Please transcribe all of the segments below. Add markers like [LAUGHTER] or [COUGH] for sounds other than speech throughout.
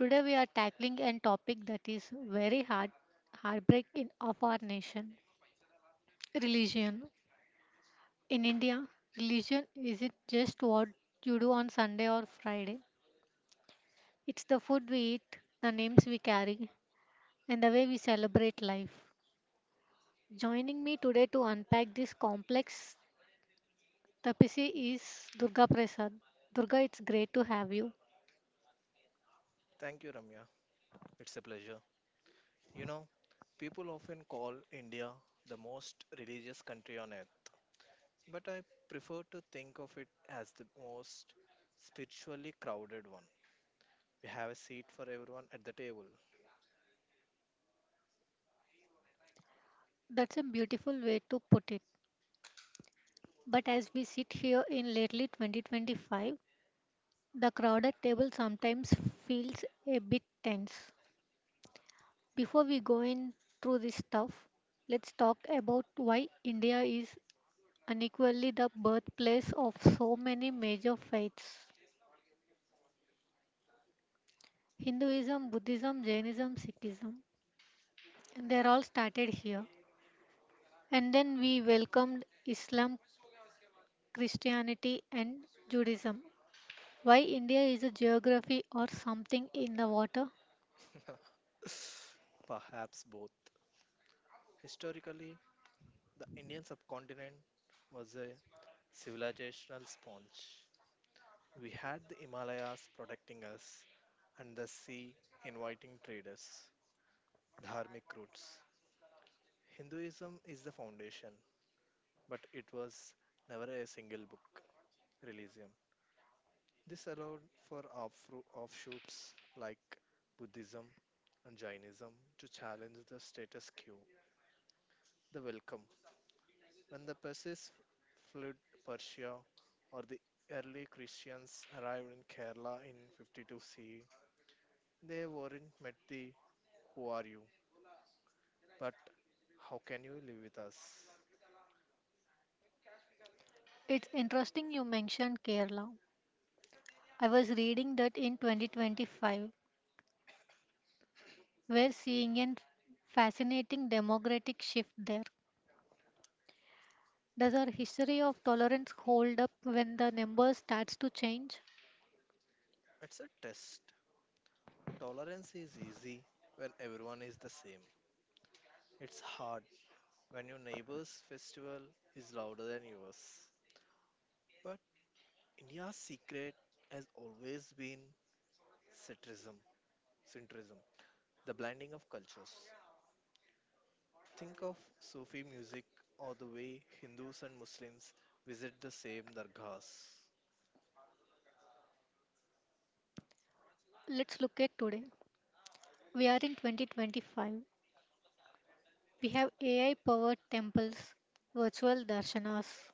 Today we are tackling a topic that is very hard heartbreak in of our nation, religion. In India, religion isn't just what you do on Sunday or Friday. It's the food we eat, the names we carry, and the way we celebrate life. Joining me today to unpack this complex tapestry is Durga Prasad. Durga, it's great to have you. Thank you, Ramya. It's a pleasure. You know, people often call India the most religious country on earth, but I prefer to think of it as the most spiritually crowded one. We have a seat for everyone at the table. That's a beautiful way to put it. But as we sit here in lately 2025, the crowded table sometimes feels a bit tense. Before we go in through this stuff, let's talk about why India is unequally the birthplace of so many major faiths. Hinduism, Buddhism, Jainism, Sikhism. They're all started here. And then we welcomed Islam, Christianity, and Judaism. Why India is a geography or something in the water? [SIGHS] Perhaps both. Historically, the Indian subcontinent was a civilizational sponge. We had the Himalayas protecting us and the sea inviting traders, dharmic routes. Hinduism is the foundation, but it was never a single book religion. This allowed for offshoots like Buddhism and Jainism to challenge the status quo. The welcome: when the Persians fled Persia or the early Christians arrived in Kerala in 52 CE, they weren't met the who are you, but how can you live with us? It's interesting you mentioned Kerala. I was reading that in 2025, we're seeing a fascinating democratic shift there. Does our history of tolerance hold up when the numbers starts to change? It's a test. Tolerance is easy when everyone is the same. It's hard when your neighbor's festival is louder than yours. But India's secret has always been centrism, centrism, the blending of cultures. Think of Sufi music or the way Hindus and Muslims visit the same dargahs. Let's look at today. We are in 2025. We have AI-powered temples, virtual darshanas,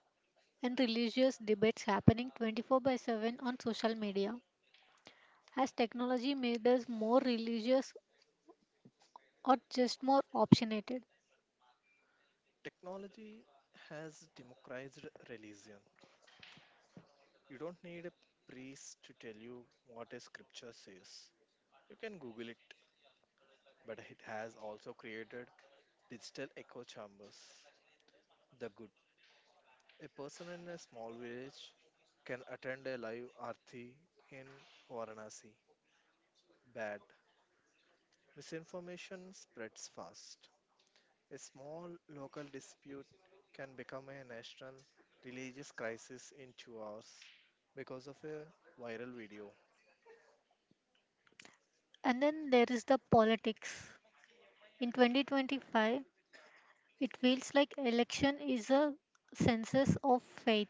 and religious debates happening 24 by 7 on social media. Has technology made us more religious or just more opinionated? Technology has democratized religion. You don't need a priest to tell you what a scripture says. You can Google it, but it has also created digital echo chambers. The good: a person in a small village can attend a live arthi in Varanasi. Bad: misinformation spreads fast. A small local dispute can become a national religious crisis in 2 hours because of a viral video. And then there is the politics. In 2025, it feels like election is a census of faith.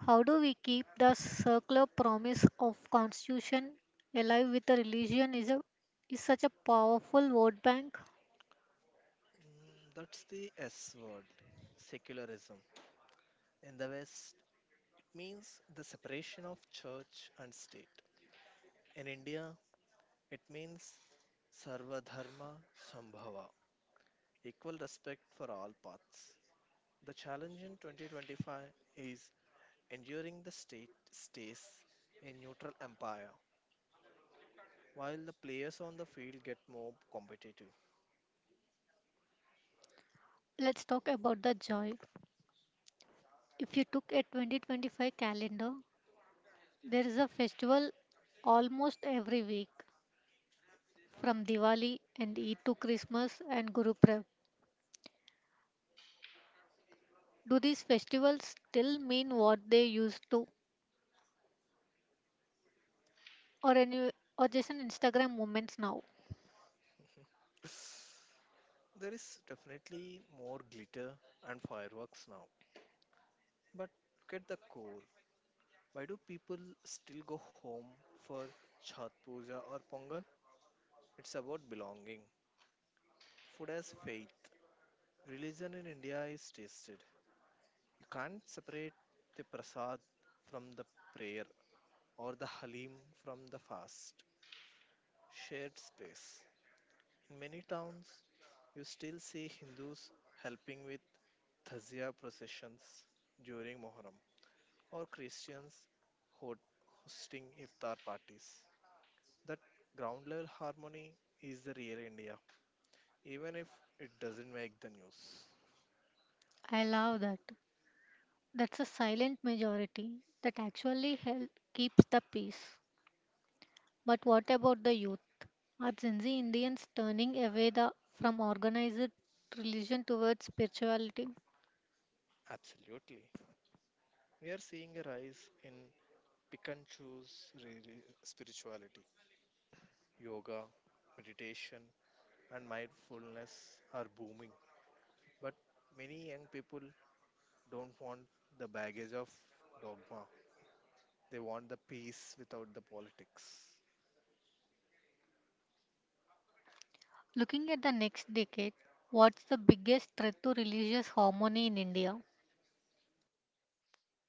How do we keep the circular promise of constitution alive with a religion is a is such a powerful vote bank. That's the S word, secularism. In the West, it means the separation of church and state. In India, it means sarva dharma Sambhava, equal respect for all paths. The challenge in 2025 is enduring the state stays a neutral empire while the players on the field get more competitive. Let's talk about the joy. If you took a 2025 calendar, there is a festival almost every week from Diwali and Eid to Christmas and Guru. Do these festivals still mean what they used to, or any, or just an Instagram moments now? [SIGHS] There is definitely more glitter and fireworks now. But look at the core. Why do people still go home for Chhat Puja or Pongal? It's about belonging, food as faith. Religion in India is tasted. You can't separate the prasad from the prayer or the halim from the fast. Shared space: in many towns, you still see Hindus helping with Thazia processions during Muharram or Christians ho- hosting iftar parties. That ground level harmony is the real India, even if it doesn't make the news. I love that. That's a silent majority that actually help keeps the peace. But what about the youth? Are Gen Z Indians turning away the from organized religion towards spirituality? Absolutely. We are seeing a rise in Pick Pikachu's really spirituality, yoga, meditation, and mindfulness are booming. But many young people don't want the baggage of dogma. They want the peace without the politics. Looking at the next decade, what's the biggest threat to religious harmony in India?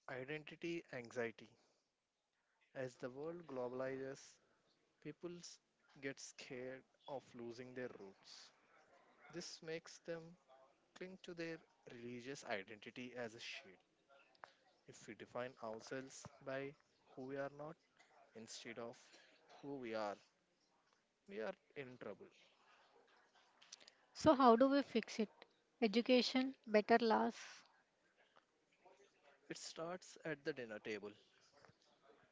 Identity anxiety. As the world globalizes, people get scared of losing their roots. This makes them cling to their religious identity as a shield. If we define ourselves by who we are not, instead of who we are in trouble. So how do we fix it? Education, better laws, It starts at the dinner table.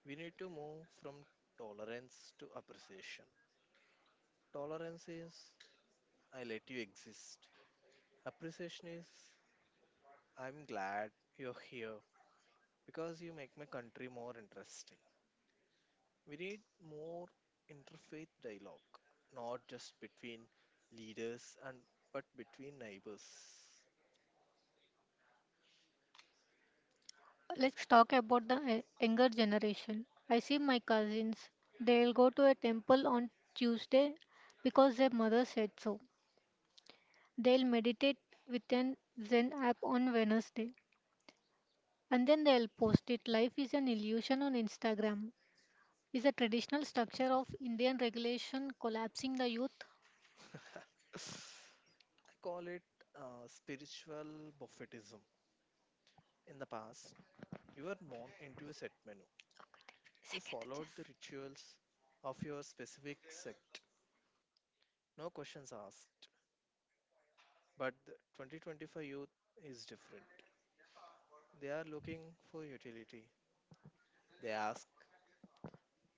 We need to move from tolerance to appreciation. Tolerance is I let you exist. Appreciation is I'm glad you're here because you make my country more interesting. We need more interfaith dialogue, not just between leaders and but between neighbors. let's talk about the younger generation. I see my cousins. They'll go to a temple on Tuesday because their mother said so. They'll meditate with an Zen app on Wednesday. And then they'll post it. Life is an illusion on Instagram. Is the traditional structure of Indian regulation collapsing the youth? [LAUGHS] I call it spiritual buffetism. In the past, you were born into a set menu. You Second chess. followed the rituals of your specific sect. No questions asked. But the 2025 youth is different. They are looking for utility. They ask,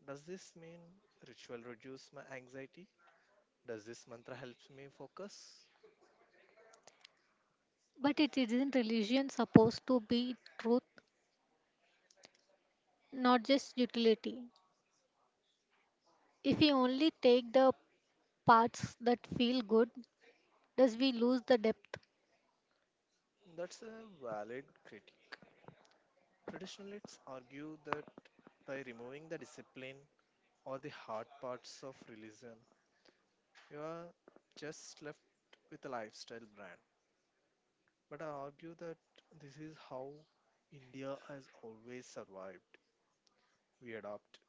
does this mean ritual reduce my anxiety? Does this mantra helps me focus? But it isn't religion supposed to be truth, not just utility. If we only take the parts that feel good does we lose the depth. That's a valid critique. Traditionalists argue that by removing the discipline or the hard parts of religion, you are just left with a lifestyle brand. But I argue that this is how India has always survived. We adapt.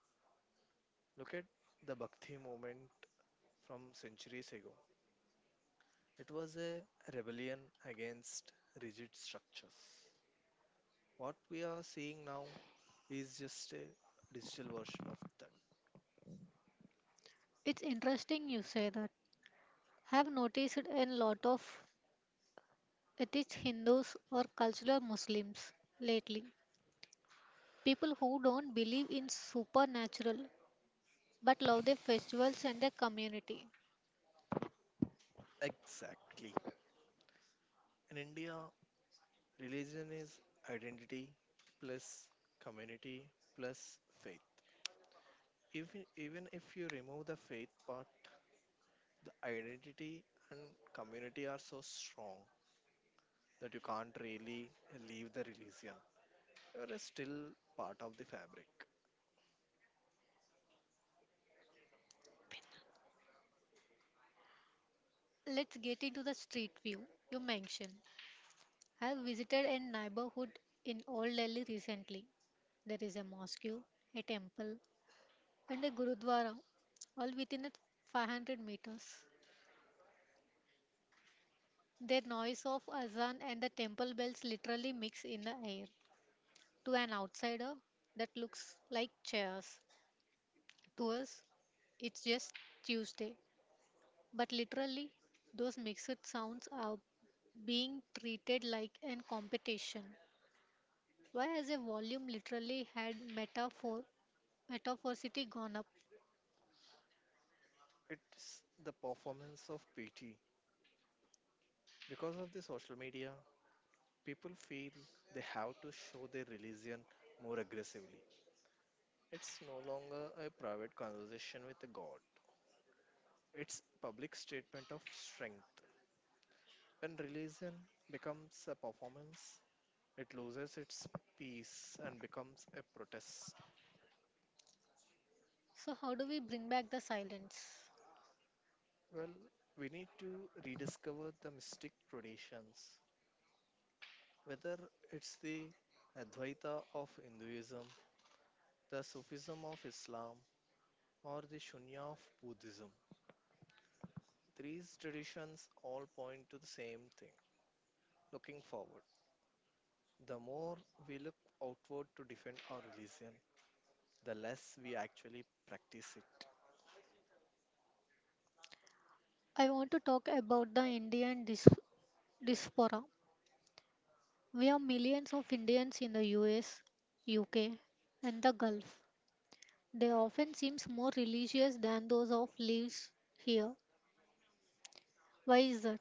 Look at the Bhakti movement from centuries ago. It was a rebellion against rigid structures. What we are seeing now is just a digital version of that. It's interesting you say that have noticed in lot of atheist hindus or cultural muslims lately people who don't believe in supernatural but love their festivals and their community. Exactly. In India, religion is identity plus community plus faith. Even if you remove the faith part, the identity and community are so strong that you can't really leave the religion. You are still part of the fabric. Let's get into the street view you mentioned. I have visited a neighborhood in old Delhi recently. There is a mosque, a temple, and a gurudwara all within a 500 meters. Their noise of azan and the temple bells literally mix in the air. To an outsider, that looks like chaos. To us, it's just Tuesday. But literally, those mixed sounds are being treated like an competition. Why has a volume literally had metaphor metaphoricity gone up? It's the performance of pity. Because of the social media, people feel they have to show their religion more aggressively. It's no longer a private conversation with a God. It's public statement of strength. When religion becomes a performance, it loses its peace and becomes a protest. So how do we bring back the silence? Well, we need to rediscover the mystic traditions, whether it's the Advaita of Hinduism, the Sufism of Islam, or the Shunya of Buddhism. These traditions all point to the same thing: looking forward. The more we look outward to defend our religion, the less we actually practice it. I want to talk about the Indian diaspora. We are millions of Indians in the US, UK, and the Gulf. They often seem more religious than those of lives here. Why is that?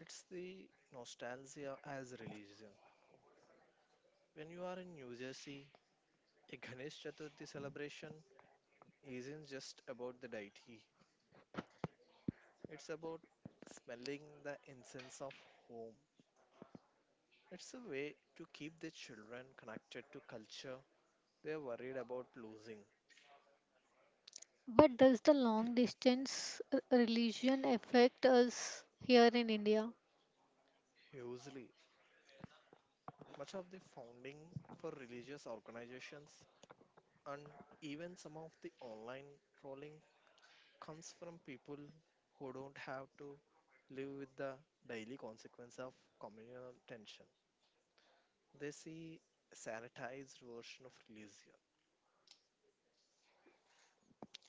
It's the nostalgia as religion. When you are in New Jersey, a Ganesh Chaturthi celebration isn't just about the deity, it's about smelling the incense of home. It's a way to keep the children connected to culture they are worried about losing. But does the long distance religion affect us here in India? Hugely. Much of the funding for religious organizations and even some of the online trolling comes from people who don't have to live with the daily consequence of communal tension. They see a sanitized version of religion.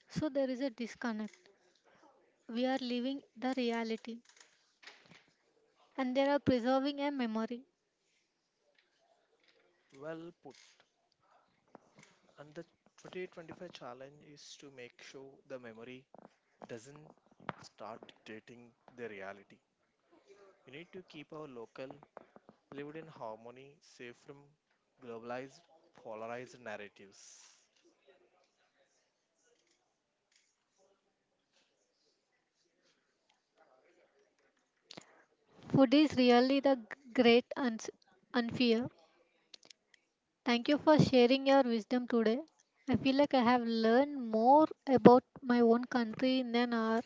So there is a disconnect. We are living the reality and they are preserving a memory. Well put. And the 2025 challenge is to make sure the memory doesn't start dictating the reality. We need to keep our local, lived in harmony, safe from globalized, polarized narratives. Food is really the great unfair. Thank you for sharing your wisdom today. I feel like I have learned more about my own country than I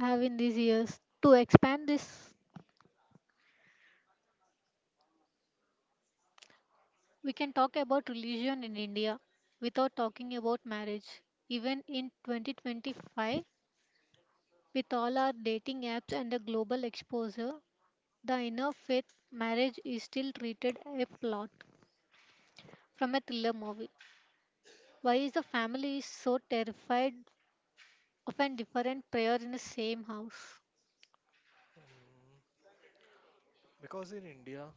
have in these years. To expand this, we can talk about religion in India without talking about marriage. Even in 2025, with all our dating apps and the global exposure, the inner faith marriage is still treated a plot from a thriller movie. Why is the family so terrified of a different prayer in the same house? Um, because in India,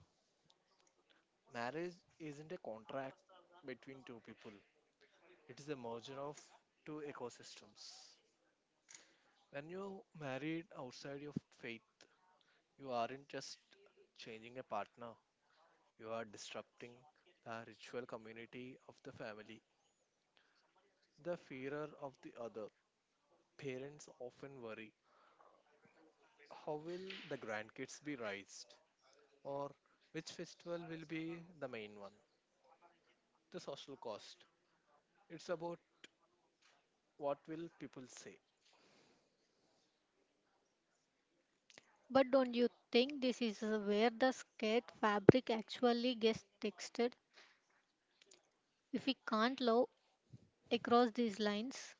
marriage isn't a contract between two people, it is a merger of two ecosystems. When you married outside your faith, you aren't just changing a partner, you are disrupting the ritual community of the family. The fearer of the other. Parents often worry how will the grandkids be raised? Or which festival will be the main one? The social cost. It's about what will people say. But don't you think this is where the scared fabric actually gets textured? If we can't love across these lines,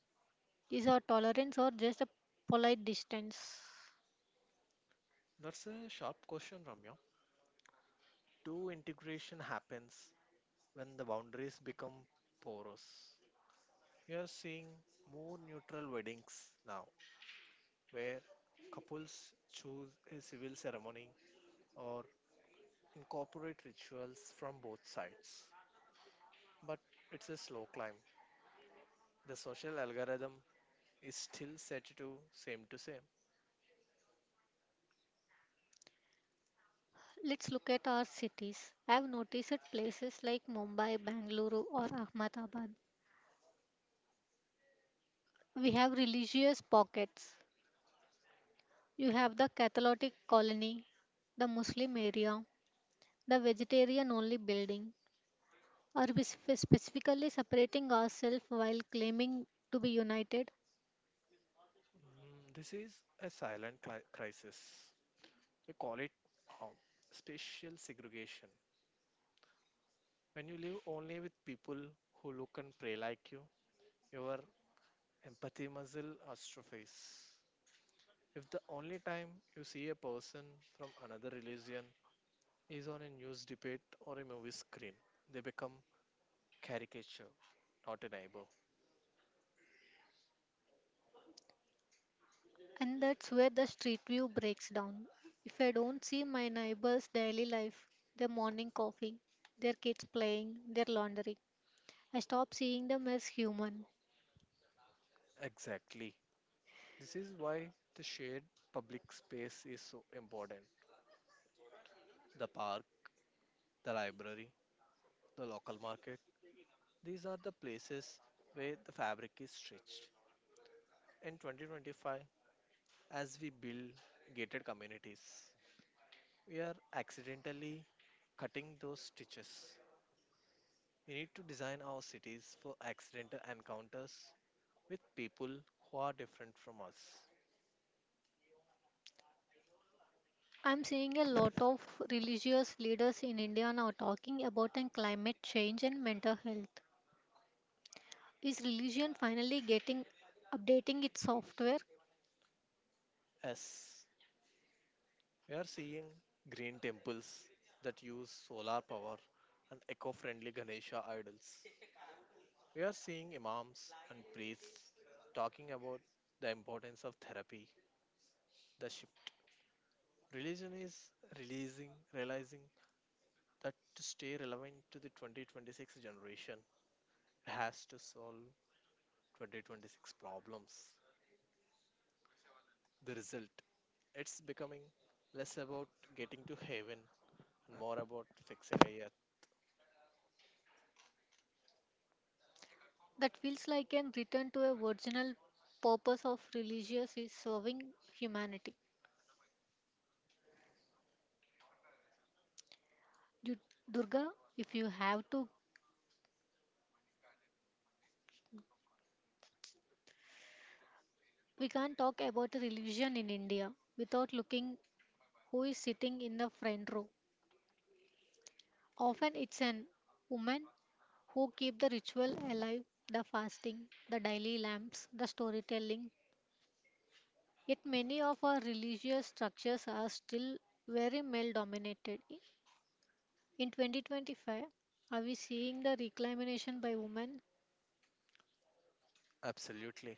is our tolerance or just a polite distance? That's a sharp question, Ramya. True integration happens when the boundaries become porous. We are seeing more neutral weddings now where couples choose a civil ceremony or incorporate rituals from both sides. But it's a slow climb. The social algorithm is still set to same to same. Let's look at our cities. I've noticed at places like Mumbai, Bangalore, or Ahmedabad, we have religious pockets. You have the Catholic colony, the Muslim area, the vegetarian only building. Are we specifically separating ourselves while claiming to be united? This is a silent crisis. We call it um, spatial segregation. When you live only with people who look and pray like you, your empathy muscle atrophies. If the only time you see a person from another religion is on a news debate or a movie screen, they become caricature, not a neighbor. And that's where the street view breaks down. If I don't see my neighbor's daily life, their morning coffee, their kids playing, their laundry, I stop seeing them as human. Exactly. This is why the shared public space is so important. The park, the library, the local market, these are the places where the fabric is stretched. In 2025, as we build gated communities, we are accidentally cutting those stitches. We need to design our cities for accidental encounters with people who are different from us. I'm seeing a lot of religious leaders in India now talking about an climate change and mental health. Is religion finally getting updating its software? As we are seeing green temples that use solar power and eco friendly Ganesha idols. We are seeing imams and priests talking about the importance of therapy, the ship Religion is realizing that to stay relevant to the 2026 generation, it has to solve 2026 problems. The result: it's becoming less about getting to heaven and more about fixing a earth. That feels like an return to a original purpose of religious is serving humanity. Du- Durga, if you have to, we can't talk about religion in India without looking who is sitting in the front row. Often it's an woman who keep the ritual alive, the fasting, the daily lamps, the storytelling. Yet many of our religious structures are still very male dominated. In 2025, are we seeing the reclamation by women? Absolutely.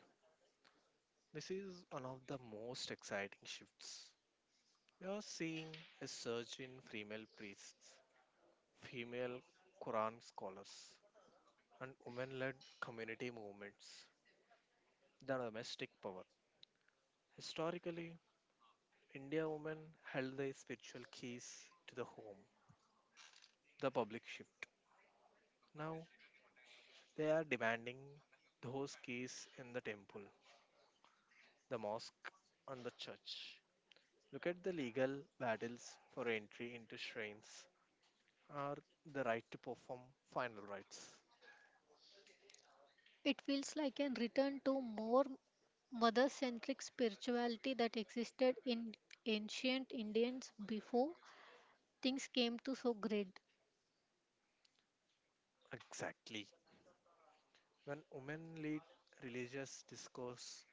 This is one of the most exciting shifts. We are seeing a surge in female priests, female Quran scholars, and women led community movements, the domestic power. Historically, India women held the spiritual keys to the home, the public ship. Now they are demanding those keys in the temple, the mosque, and the church. Look at the legal battles for entry into shrines or the right to perform final rites. It feels like a return to more mother centric spirituality that existed in ancient Indians before things came to so great. Exactly. When women lead religious discourse,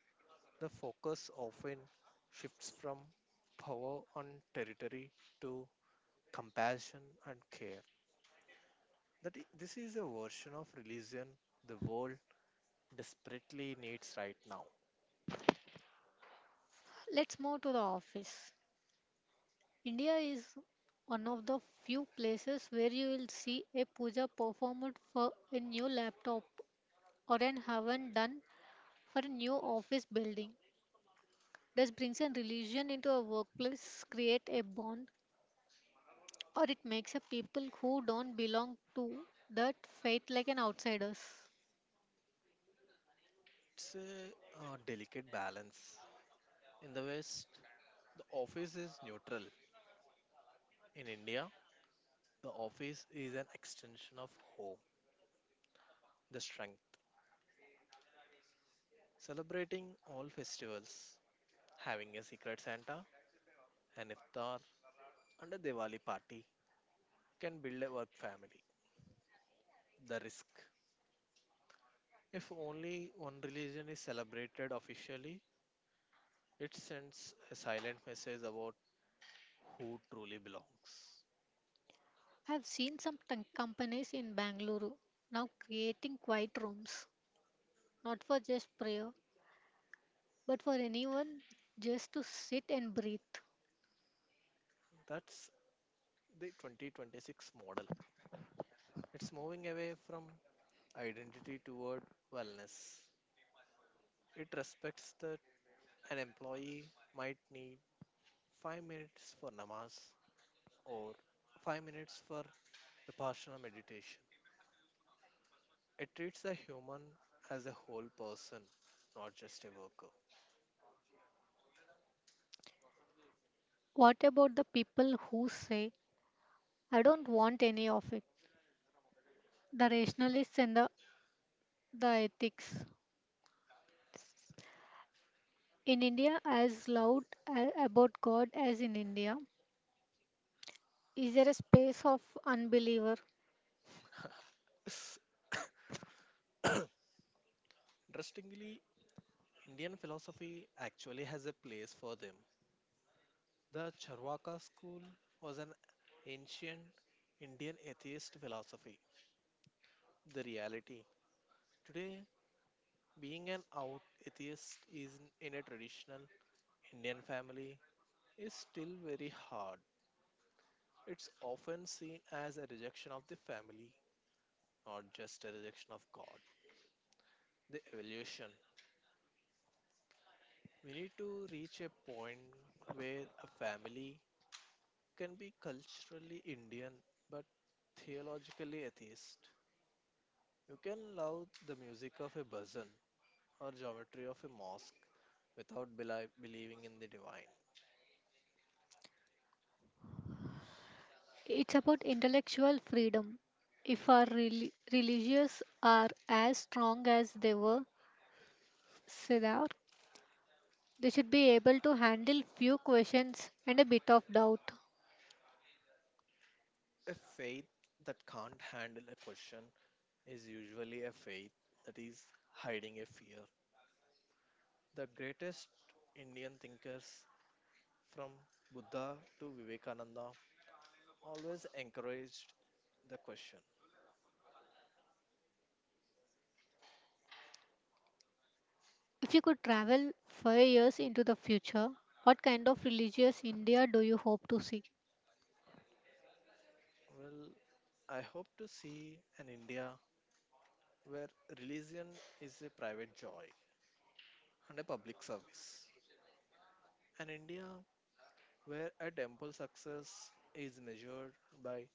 the focus often shifts from power and territory to compassion and care. This is a version of religion the world desperately needs right now. Let's move to the office. India is one of the few places where you will see a puja performed for a new laptop or an haven done for a new office building. This brings a religion into a workplace, create a bond or it makes up people who don't belong to that fate like an outsiders. It's a, delicate balance. In the West, the office is neutral. In India, the office is an extension of home, the strength. Celebrating all festivals, having a secret Santa, an iftar, and a Diwali party can build a work family. The risk: if only one religion is celebrated officially, it sends a silent message about who truly belongs. I've seen some companies in Bangalore now creating quiet rooms, not for just prayer, but for anyone just to sit and breathe. That's the 2026 model. It's moving away from identity toward wellness. It respects the an employee might need 5 minutes for namaz or 5 minutes for vipassana meditation. It treats a human as a whole person, not just a worker. What about the people who say, I don't want any of it? The rationalists and the ethics. In India, as loud about God as in India, is there a space of unbeliever. [LAUGHS] Interestingly, Indian philosophy actually has a place for them. The Charvaka school was an ancient Indian atheist philosophy. The reality today, being an out atheist is in a traditional Indian family is still very hard. It's often seen as a rejection of the family, not just a rejection of God. The evolution. We need to reach a point where a family can be culturally Indian but theologically atheist. You can love the music of a bhajan or geometry of a mosque without believing in the divine. It's about intellectual freedom. If our religious are as strong as they were, Siddhar, they should be able to handle few questions and a bit of doubt. A faith that can't handle a question is usually a faith that is hiding a fear. The greatest Indian thinkers, from Buddha to Vivekananda, always encouraged the question. If you could travel 5 years into the future, what kind of religious India do you hope to see? Well, I hope to see an India where religion is a private joy and a public service. An India where a temple success is measured by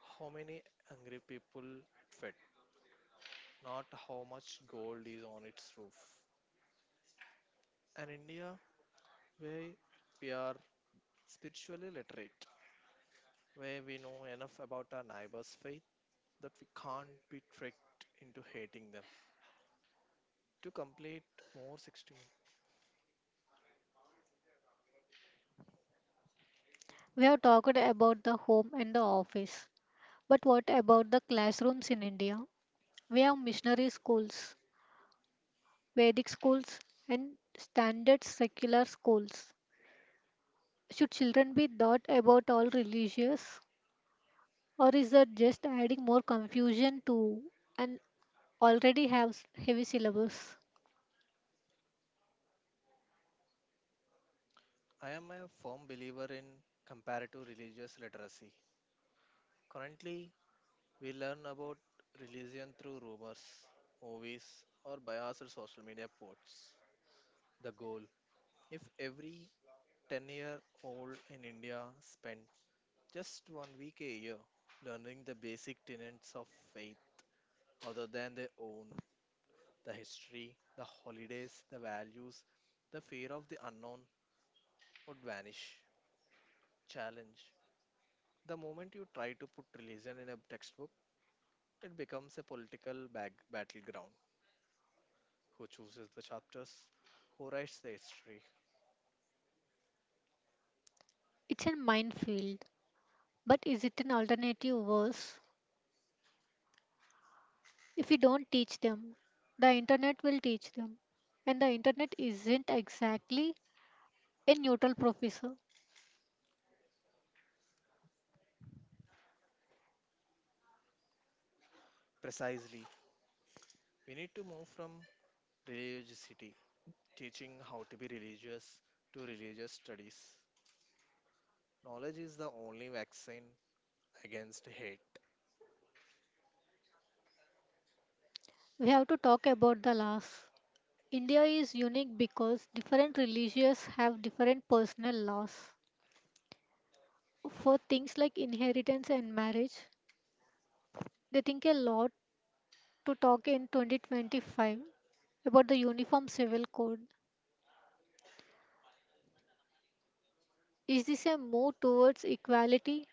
how many hungry people it fed, not how much gold is on its roof. An India where we are spiritually literate where we know enough about our neighbor's faith that we can't be tricked into hating them. To complete more 60 minutes, We have talked about the home and the office, but what about the classrooms in India? We have missionary schools, Vedic schools, and standard secular schools. Should children be taught about all religious, or is that just adding more confusion to an already have heavy syllabus? I am a firm believer in comparative religious literacy. Currently, we learn about religion through rumors, movies, or biased social media posts. The goal if every 10-year-old in India spent just one week a year learning the basic tenets of faith other than their own, the history, the holidays, the values, the fear of the unknown would vanish. Challenge. The moment you try to put religion in a textbook, it becomes a political battleground. Who chooses the chapters? Who writes the history? It's a minefield, but is it an alternative verse? If we don't teach them, the internet will teach them, and the internet isn't exactly a neutral professor. Precisely. We need to move from religiosity, teaching how to be religious, to religious studies. Knowledge is the only vaccine against hate. We have to talk about the laws. India is unique because different religions have different personal laws for things like inheritance and marriage. They think a lot to talk in 2025 about the Uniform Civil Code. Is this a move towards equality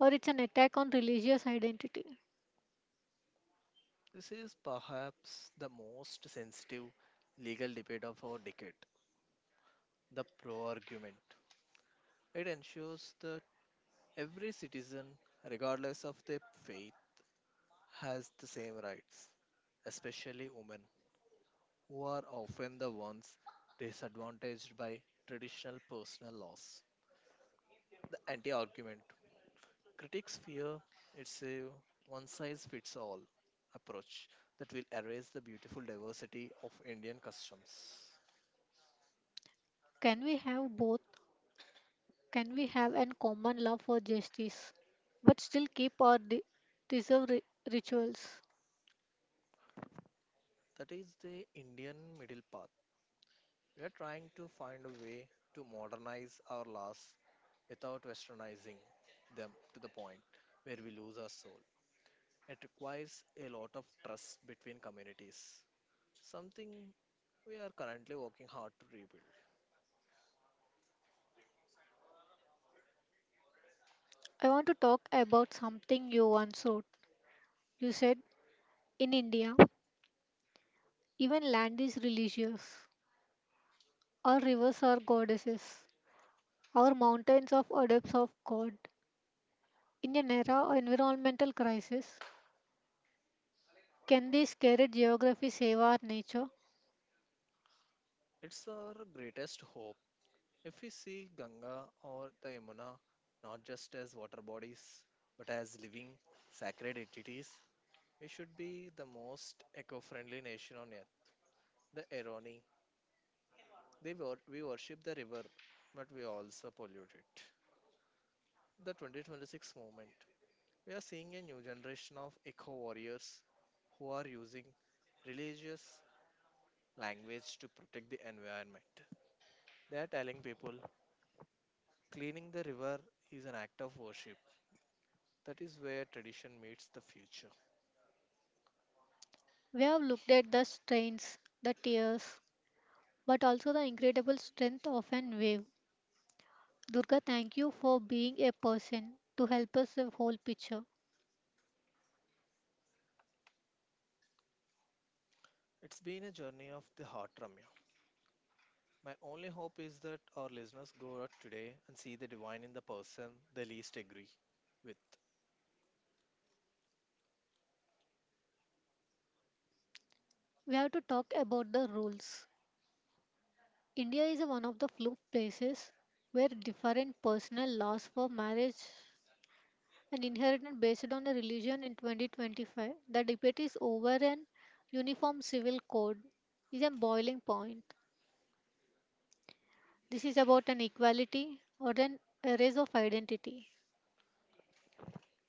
or it's an attack on religious identity? This is perhaps the most sensitive legal debate of our decade. The pro argument. It ensures that every citizen, regardless of their faith, has the same rights, especially women, who are often the ones disadvantaged by traditional personal laws. The anti argument. Critics fear it's a one size fits all approach that will erase the beautiful diversity of Indian customs. Can we have both? Can we have an common love for justice but still keep our deserved rituals? That is the Indian middle path. We are trying to find a way to modernize our laws without westernizing them to the point where we lose our soul. It requires a lot of trust between communities, something we are currently working hard to rebuild. I want to talk about something you once wrote. You said in India, even land is religious. Our rivers are goddesses. Our mountains are adepts of God. In an era of environmental crisis, can these sacred geography save our nature? It's our greatest hope. If we see Ganga or the Yamuna not just as water bodies but as living sacred entities, we should be the most eco friendly nation on earth. The irony: they we worship the river, but we also pollute it. The 2026 movement. We are seeing a new generation of eco warriors who are using religious language to protect the environment. They are telling people cleaning the river is an act of worship. That is where tradition meets the future. We have looked at the strains, the tears, but also the incredible strength of an wave. Durga, thank you for being a person to help us the whole picture. It's been a journey of the heart, Ramya. My only hope is that our listeners go out today and see the divine in the person they least agree with. We have to talk about the rules. India is one of the few places where different personal laws for marriage and inheritance based on a religion in 2025. The debate is over an uniform civil code is a boiling point. This is about an equality or an erase of identity.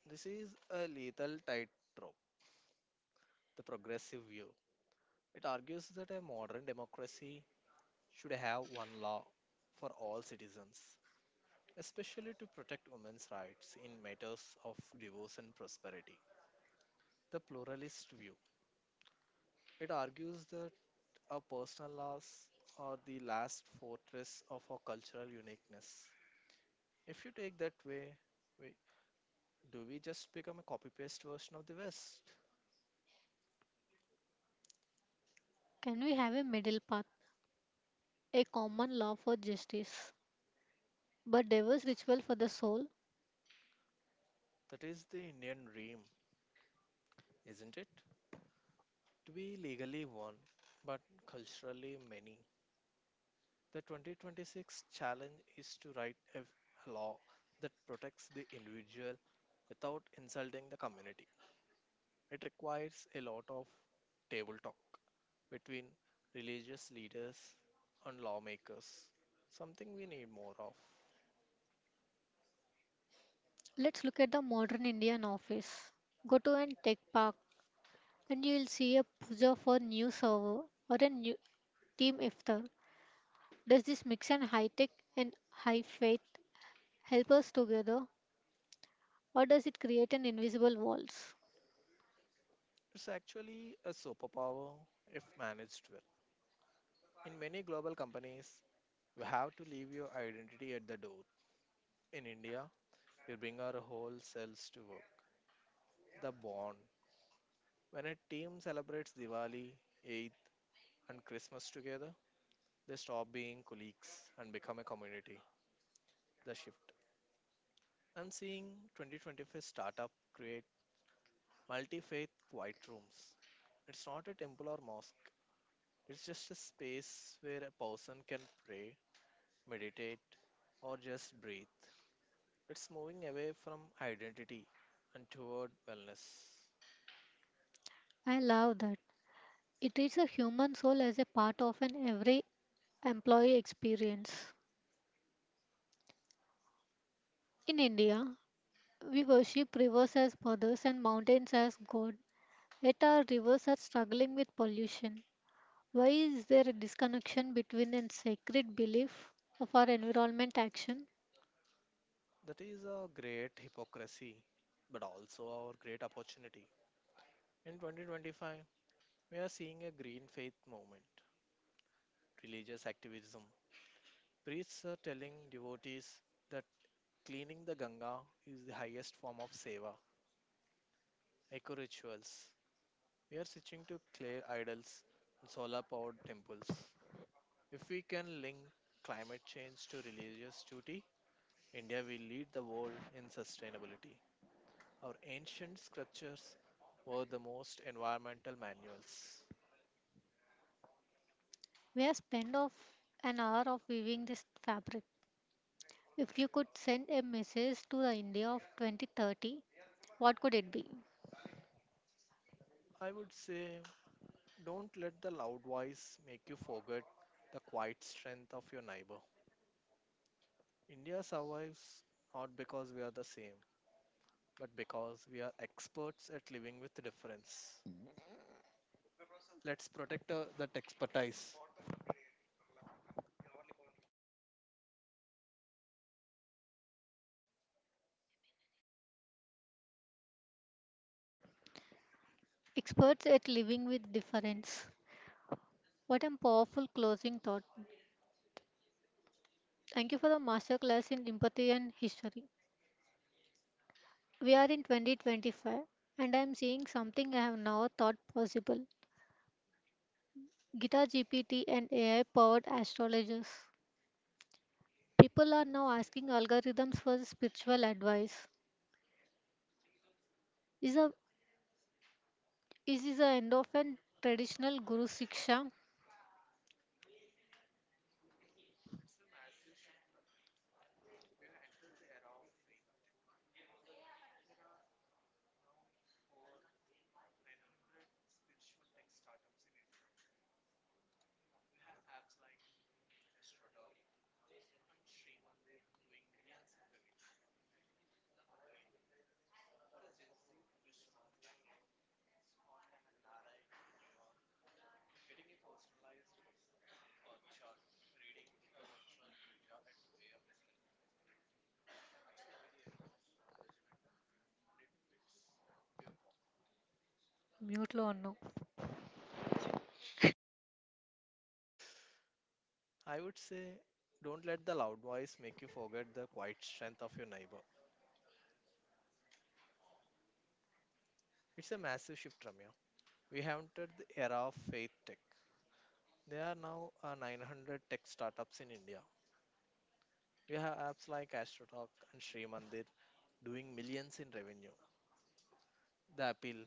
This is a lethal tightrope, the progressive view. It argues that a modern democracy should have one law for all citizens, especially to protect women's rights in matters of divorce and prosperity. The pluralist view. It argues that our personal laws are the last fortress of our cultural uniqueness. If you take that way, we, do we just become a copy paste version of the West? Can we have a middle path, a common law for justice, but diverse ritual for the soul? That is the Indian dream, isn't it? To be legally one, but culturally many. The 2026 challenge is to write a law that protects the individual without insulting the community. It requires a lot of table talk between religious leaders and lawmakers, something we need more of. Let's look at the modern Indian office. Go to an tech park and you will see a puja for new server or a new team iftar. Does this mix an high tech and high faith help us together, or does it create an invisible walls? It's actually a superpower if managed well. In many global companies, we have to leave your identity at the door. In India, we bring our whole selves to work. The bond: when a team celebrates Diwali, Eid, and Christmas together, they stop being colleagues and become a community. The shift. I'm seeing 2025 startup create multi faith quiet rooms. It's not a temple or mosque, it's just a space where a person can pray, meditate, or just breathe. It's moving away from identity and toward wellness. I love that. It treats a human soul as a part of an every employee experience. In India, we worship rivers as mothers and mountains as God. Yet our rivers are struggling with pollution. Why is there a disconnection between a sacred belief of our environment action? That is a great hypocrisy, but also our great opportunity. In 2025, we are seeing a green faith movement, religious activism. Priests are telling devotees that cleaning the Ganga is the highest form of seva, eco rituals. We are switching to clay idols and solar powered temples. If we can link climate change to religious duty, India will lead the world in sustainability. Our ancient scriptures were the most environmental manuals. We have spent of an hour of weaving this fabric. If you could send a message to the India of 2030, what could it be? I would say, don't let the loud voice make you forget the quiet strength of your neighbor. India survives not because we are the same, but because we are experts at living with difference. Let's protect that expertise. Experts at living with difference. What a powerful closing thought. Thank you for the masterclass in empathy and history. We are in 2025 and I am seeing something I have never thought possible. Guitar GPT and AI powered astrologers. People are now asking algorithms for spiritual advice. Is, a, is this the end of an traditional guru siksha? Mute లో ఉన్నా. I would say don't let the loud voice make you forget the quiet strength of your neighbor. It's a massive shift, Ramya. We have entered the era of faith tech. There are now 900 tech startups in India. We have apps like AstroTalk and Sri Mandir doing millions in revenue. The appeal: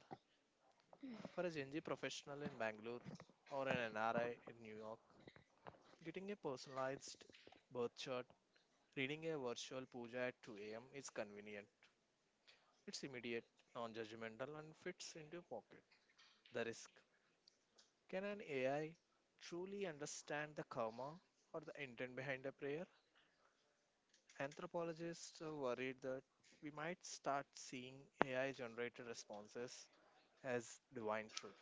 for a Gen Z professional in Bangalore or an NRI in New York, getting a personalized birth chart, reading a virtual puja at 2 a.m. is convenient. It's immediate, non judgmental, and fits into your pocket. The risk: can an AI truly understand the karma or the intent behind a prayer? Anthropologists are worried that we might start seeing AI generated responses as divine truth,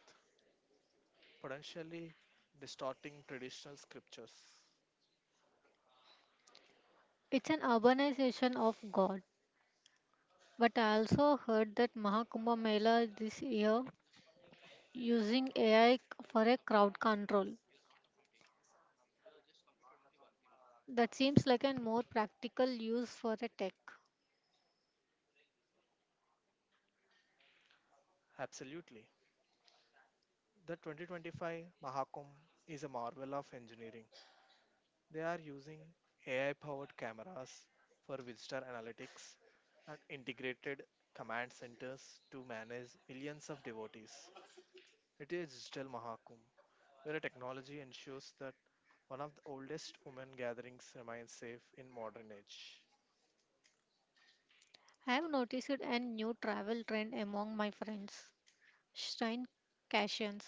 potentially distorting traditional scriptures. It's an urbanization of God. But I also heard that Mahakumbh Mela this year using AI for a crowd control. That seems like a more practical use for a tech. Absolutely. The 2025 Mahakumbh is a marvel of engineering. They are using AI powered cameras for visitor analytics and integrated command centers to manage millions of devotees. It is digital Mahakumbh, where a technology ensures that one of the oldest women gatherings remains safe in modern age. I have noticed a new travel trend among my friends, shrine cations.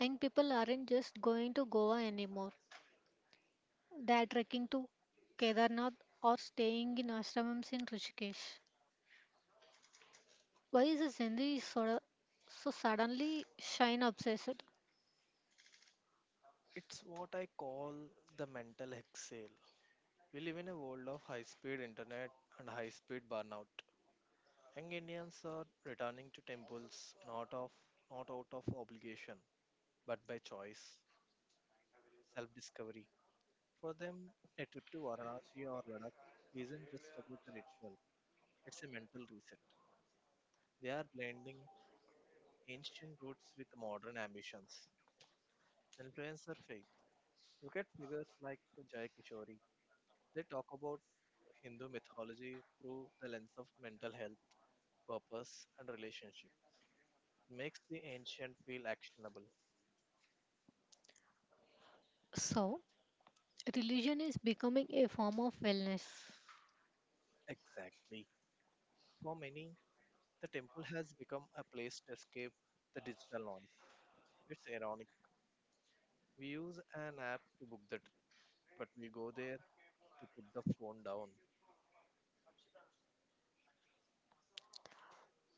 And people aren't just going to Goa anymore. They are trekking to Kedarnath or staying in ashrams in Rishikesh. Why is the Sindhi so suddenly shine obsessed? It's what I call the mental exhale. We live in a world of high speed internet and high speed burnout. Young Indians are returning to temples not out of obligation but by choice, self discovery. For them, a trip to Varanasi or Ladakh isn't just about the ritual, it's a mental reset. They are blending ancient roots with modern ambitions. Influencer faith. Look at figures like Jay Kishori. They talk about Hindu mythology through the lens of mental health, purpose, and relationship. Makes the ancient feel actionable. So, religion is becoming a form of wellness. Exactly. For many, the temple has become a place to escape the digital noise. It's ironic. We use an app to book the trip, but we go there to put the phone down.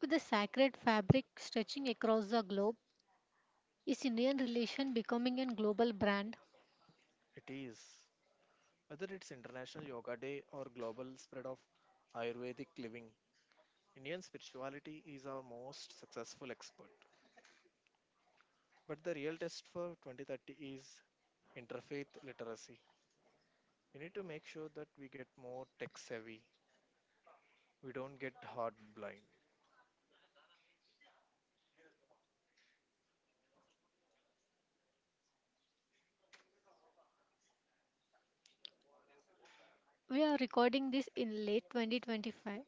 With the sacred fabric stretching across the globe, is Indian religion becoming a global brand? It is. Whether it's International Yoga Day or global spread of Ayurvedic living, Indian spirituality is our most successful export. But the real test for 2030 is interfaith literacy. We need to make sure that we get more tech savvy. We don't get hard blind. We are recording this in late 2025.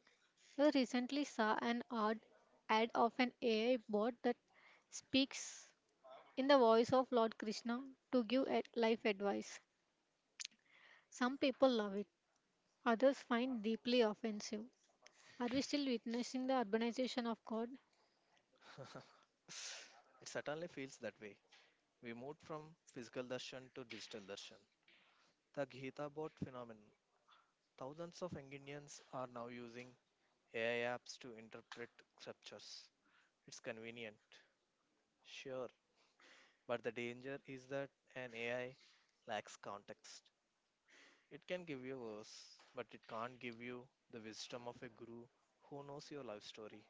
I recently saw an odd ad of an AI bot that speaks in the voice of Lord Krishna to give life advice. Some people love it, others find deeply offensive. Are we still witnessing the urbanization of God? [LAUGHS] It certainly feels that way. We moved from physical darshan to digital darshan. The Gita bot phenomenon. Thousands of Indians are now using AI apps to interpret scriptures. It's convenient, sure, but the danger is that an AI lacks context. It can give you verse, but it can't give you the wisdom of a guru who knows your life story.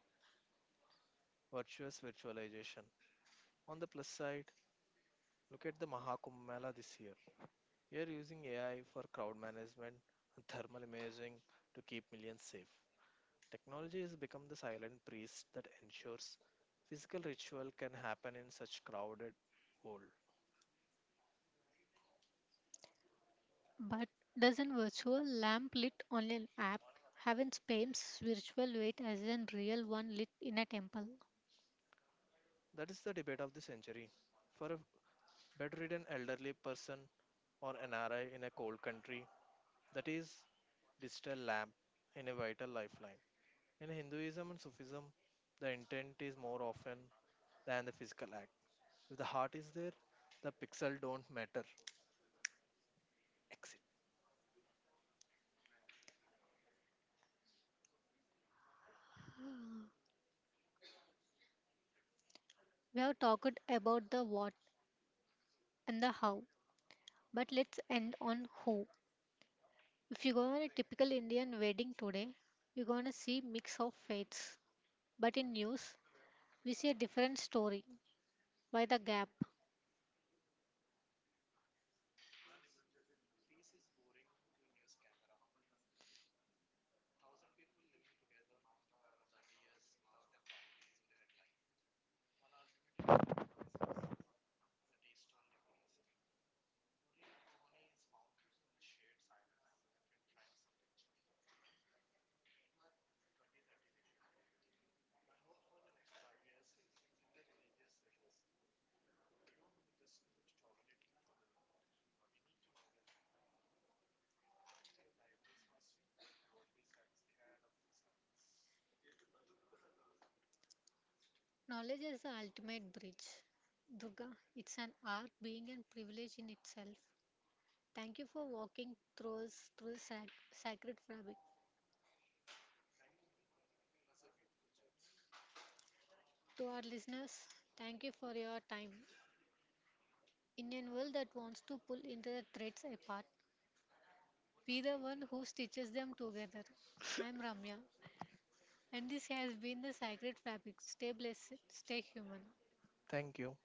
Virtuous virtualization. On the plus side, look at the Mahakumbh Mela this year. We are using AI for crowd management and thermal imaging to keep millions safe. Technology has become the silent priest that ensures physical ritual can happen in such crowded hall. But doesn't virtual lamp lit on an app have its same spiritual weight as a real one lit in a temple? That is the debate of the century. For a bedridden elderly person or an NRI in a cold country, that is digital lamp in a vital lifeline. In Hinduism and Sufism, the intent is more often than the physical act. If the heart is there, the pixel don't matter. Exit. [GASPS] We have talked about the what and the how, but let's end on who. If you go on a typical Indian wedding today, you're gonna see mix of faiths. But in news, we see a different story. By the gap, knowledge is the ultimate bridge. Durga, it's an art being a privilege in itself. Thank you for walking through through sacred fabric. To our listeners, thank you for your time. In a world that wants to pull into the threads apart, be the one who stitches them together. I am Ramya, and this has been the Sacred Fabric. Stay blessed, stay human. Thank you.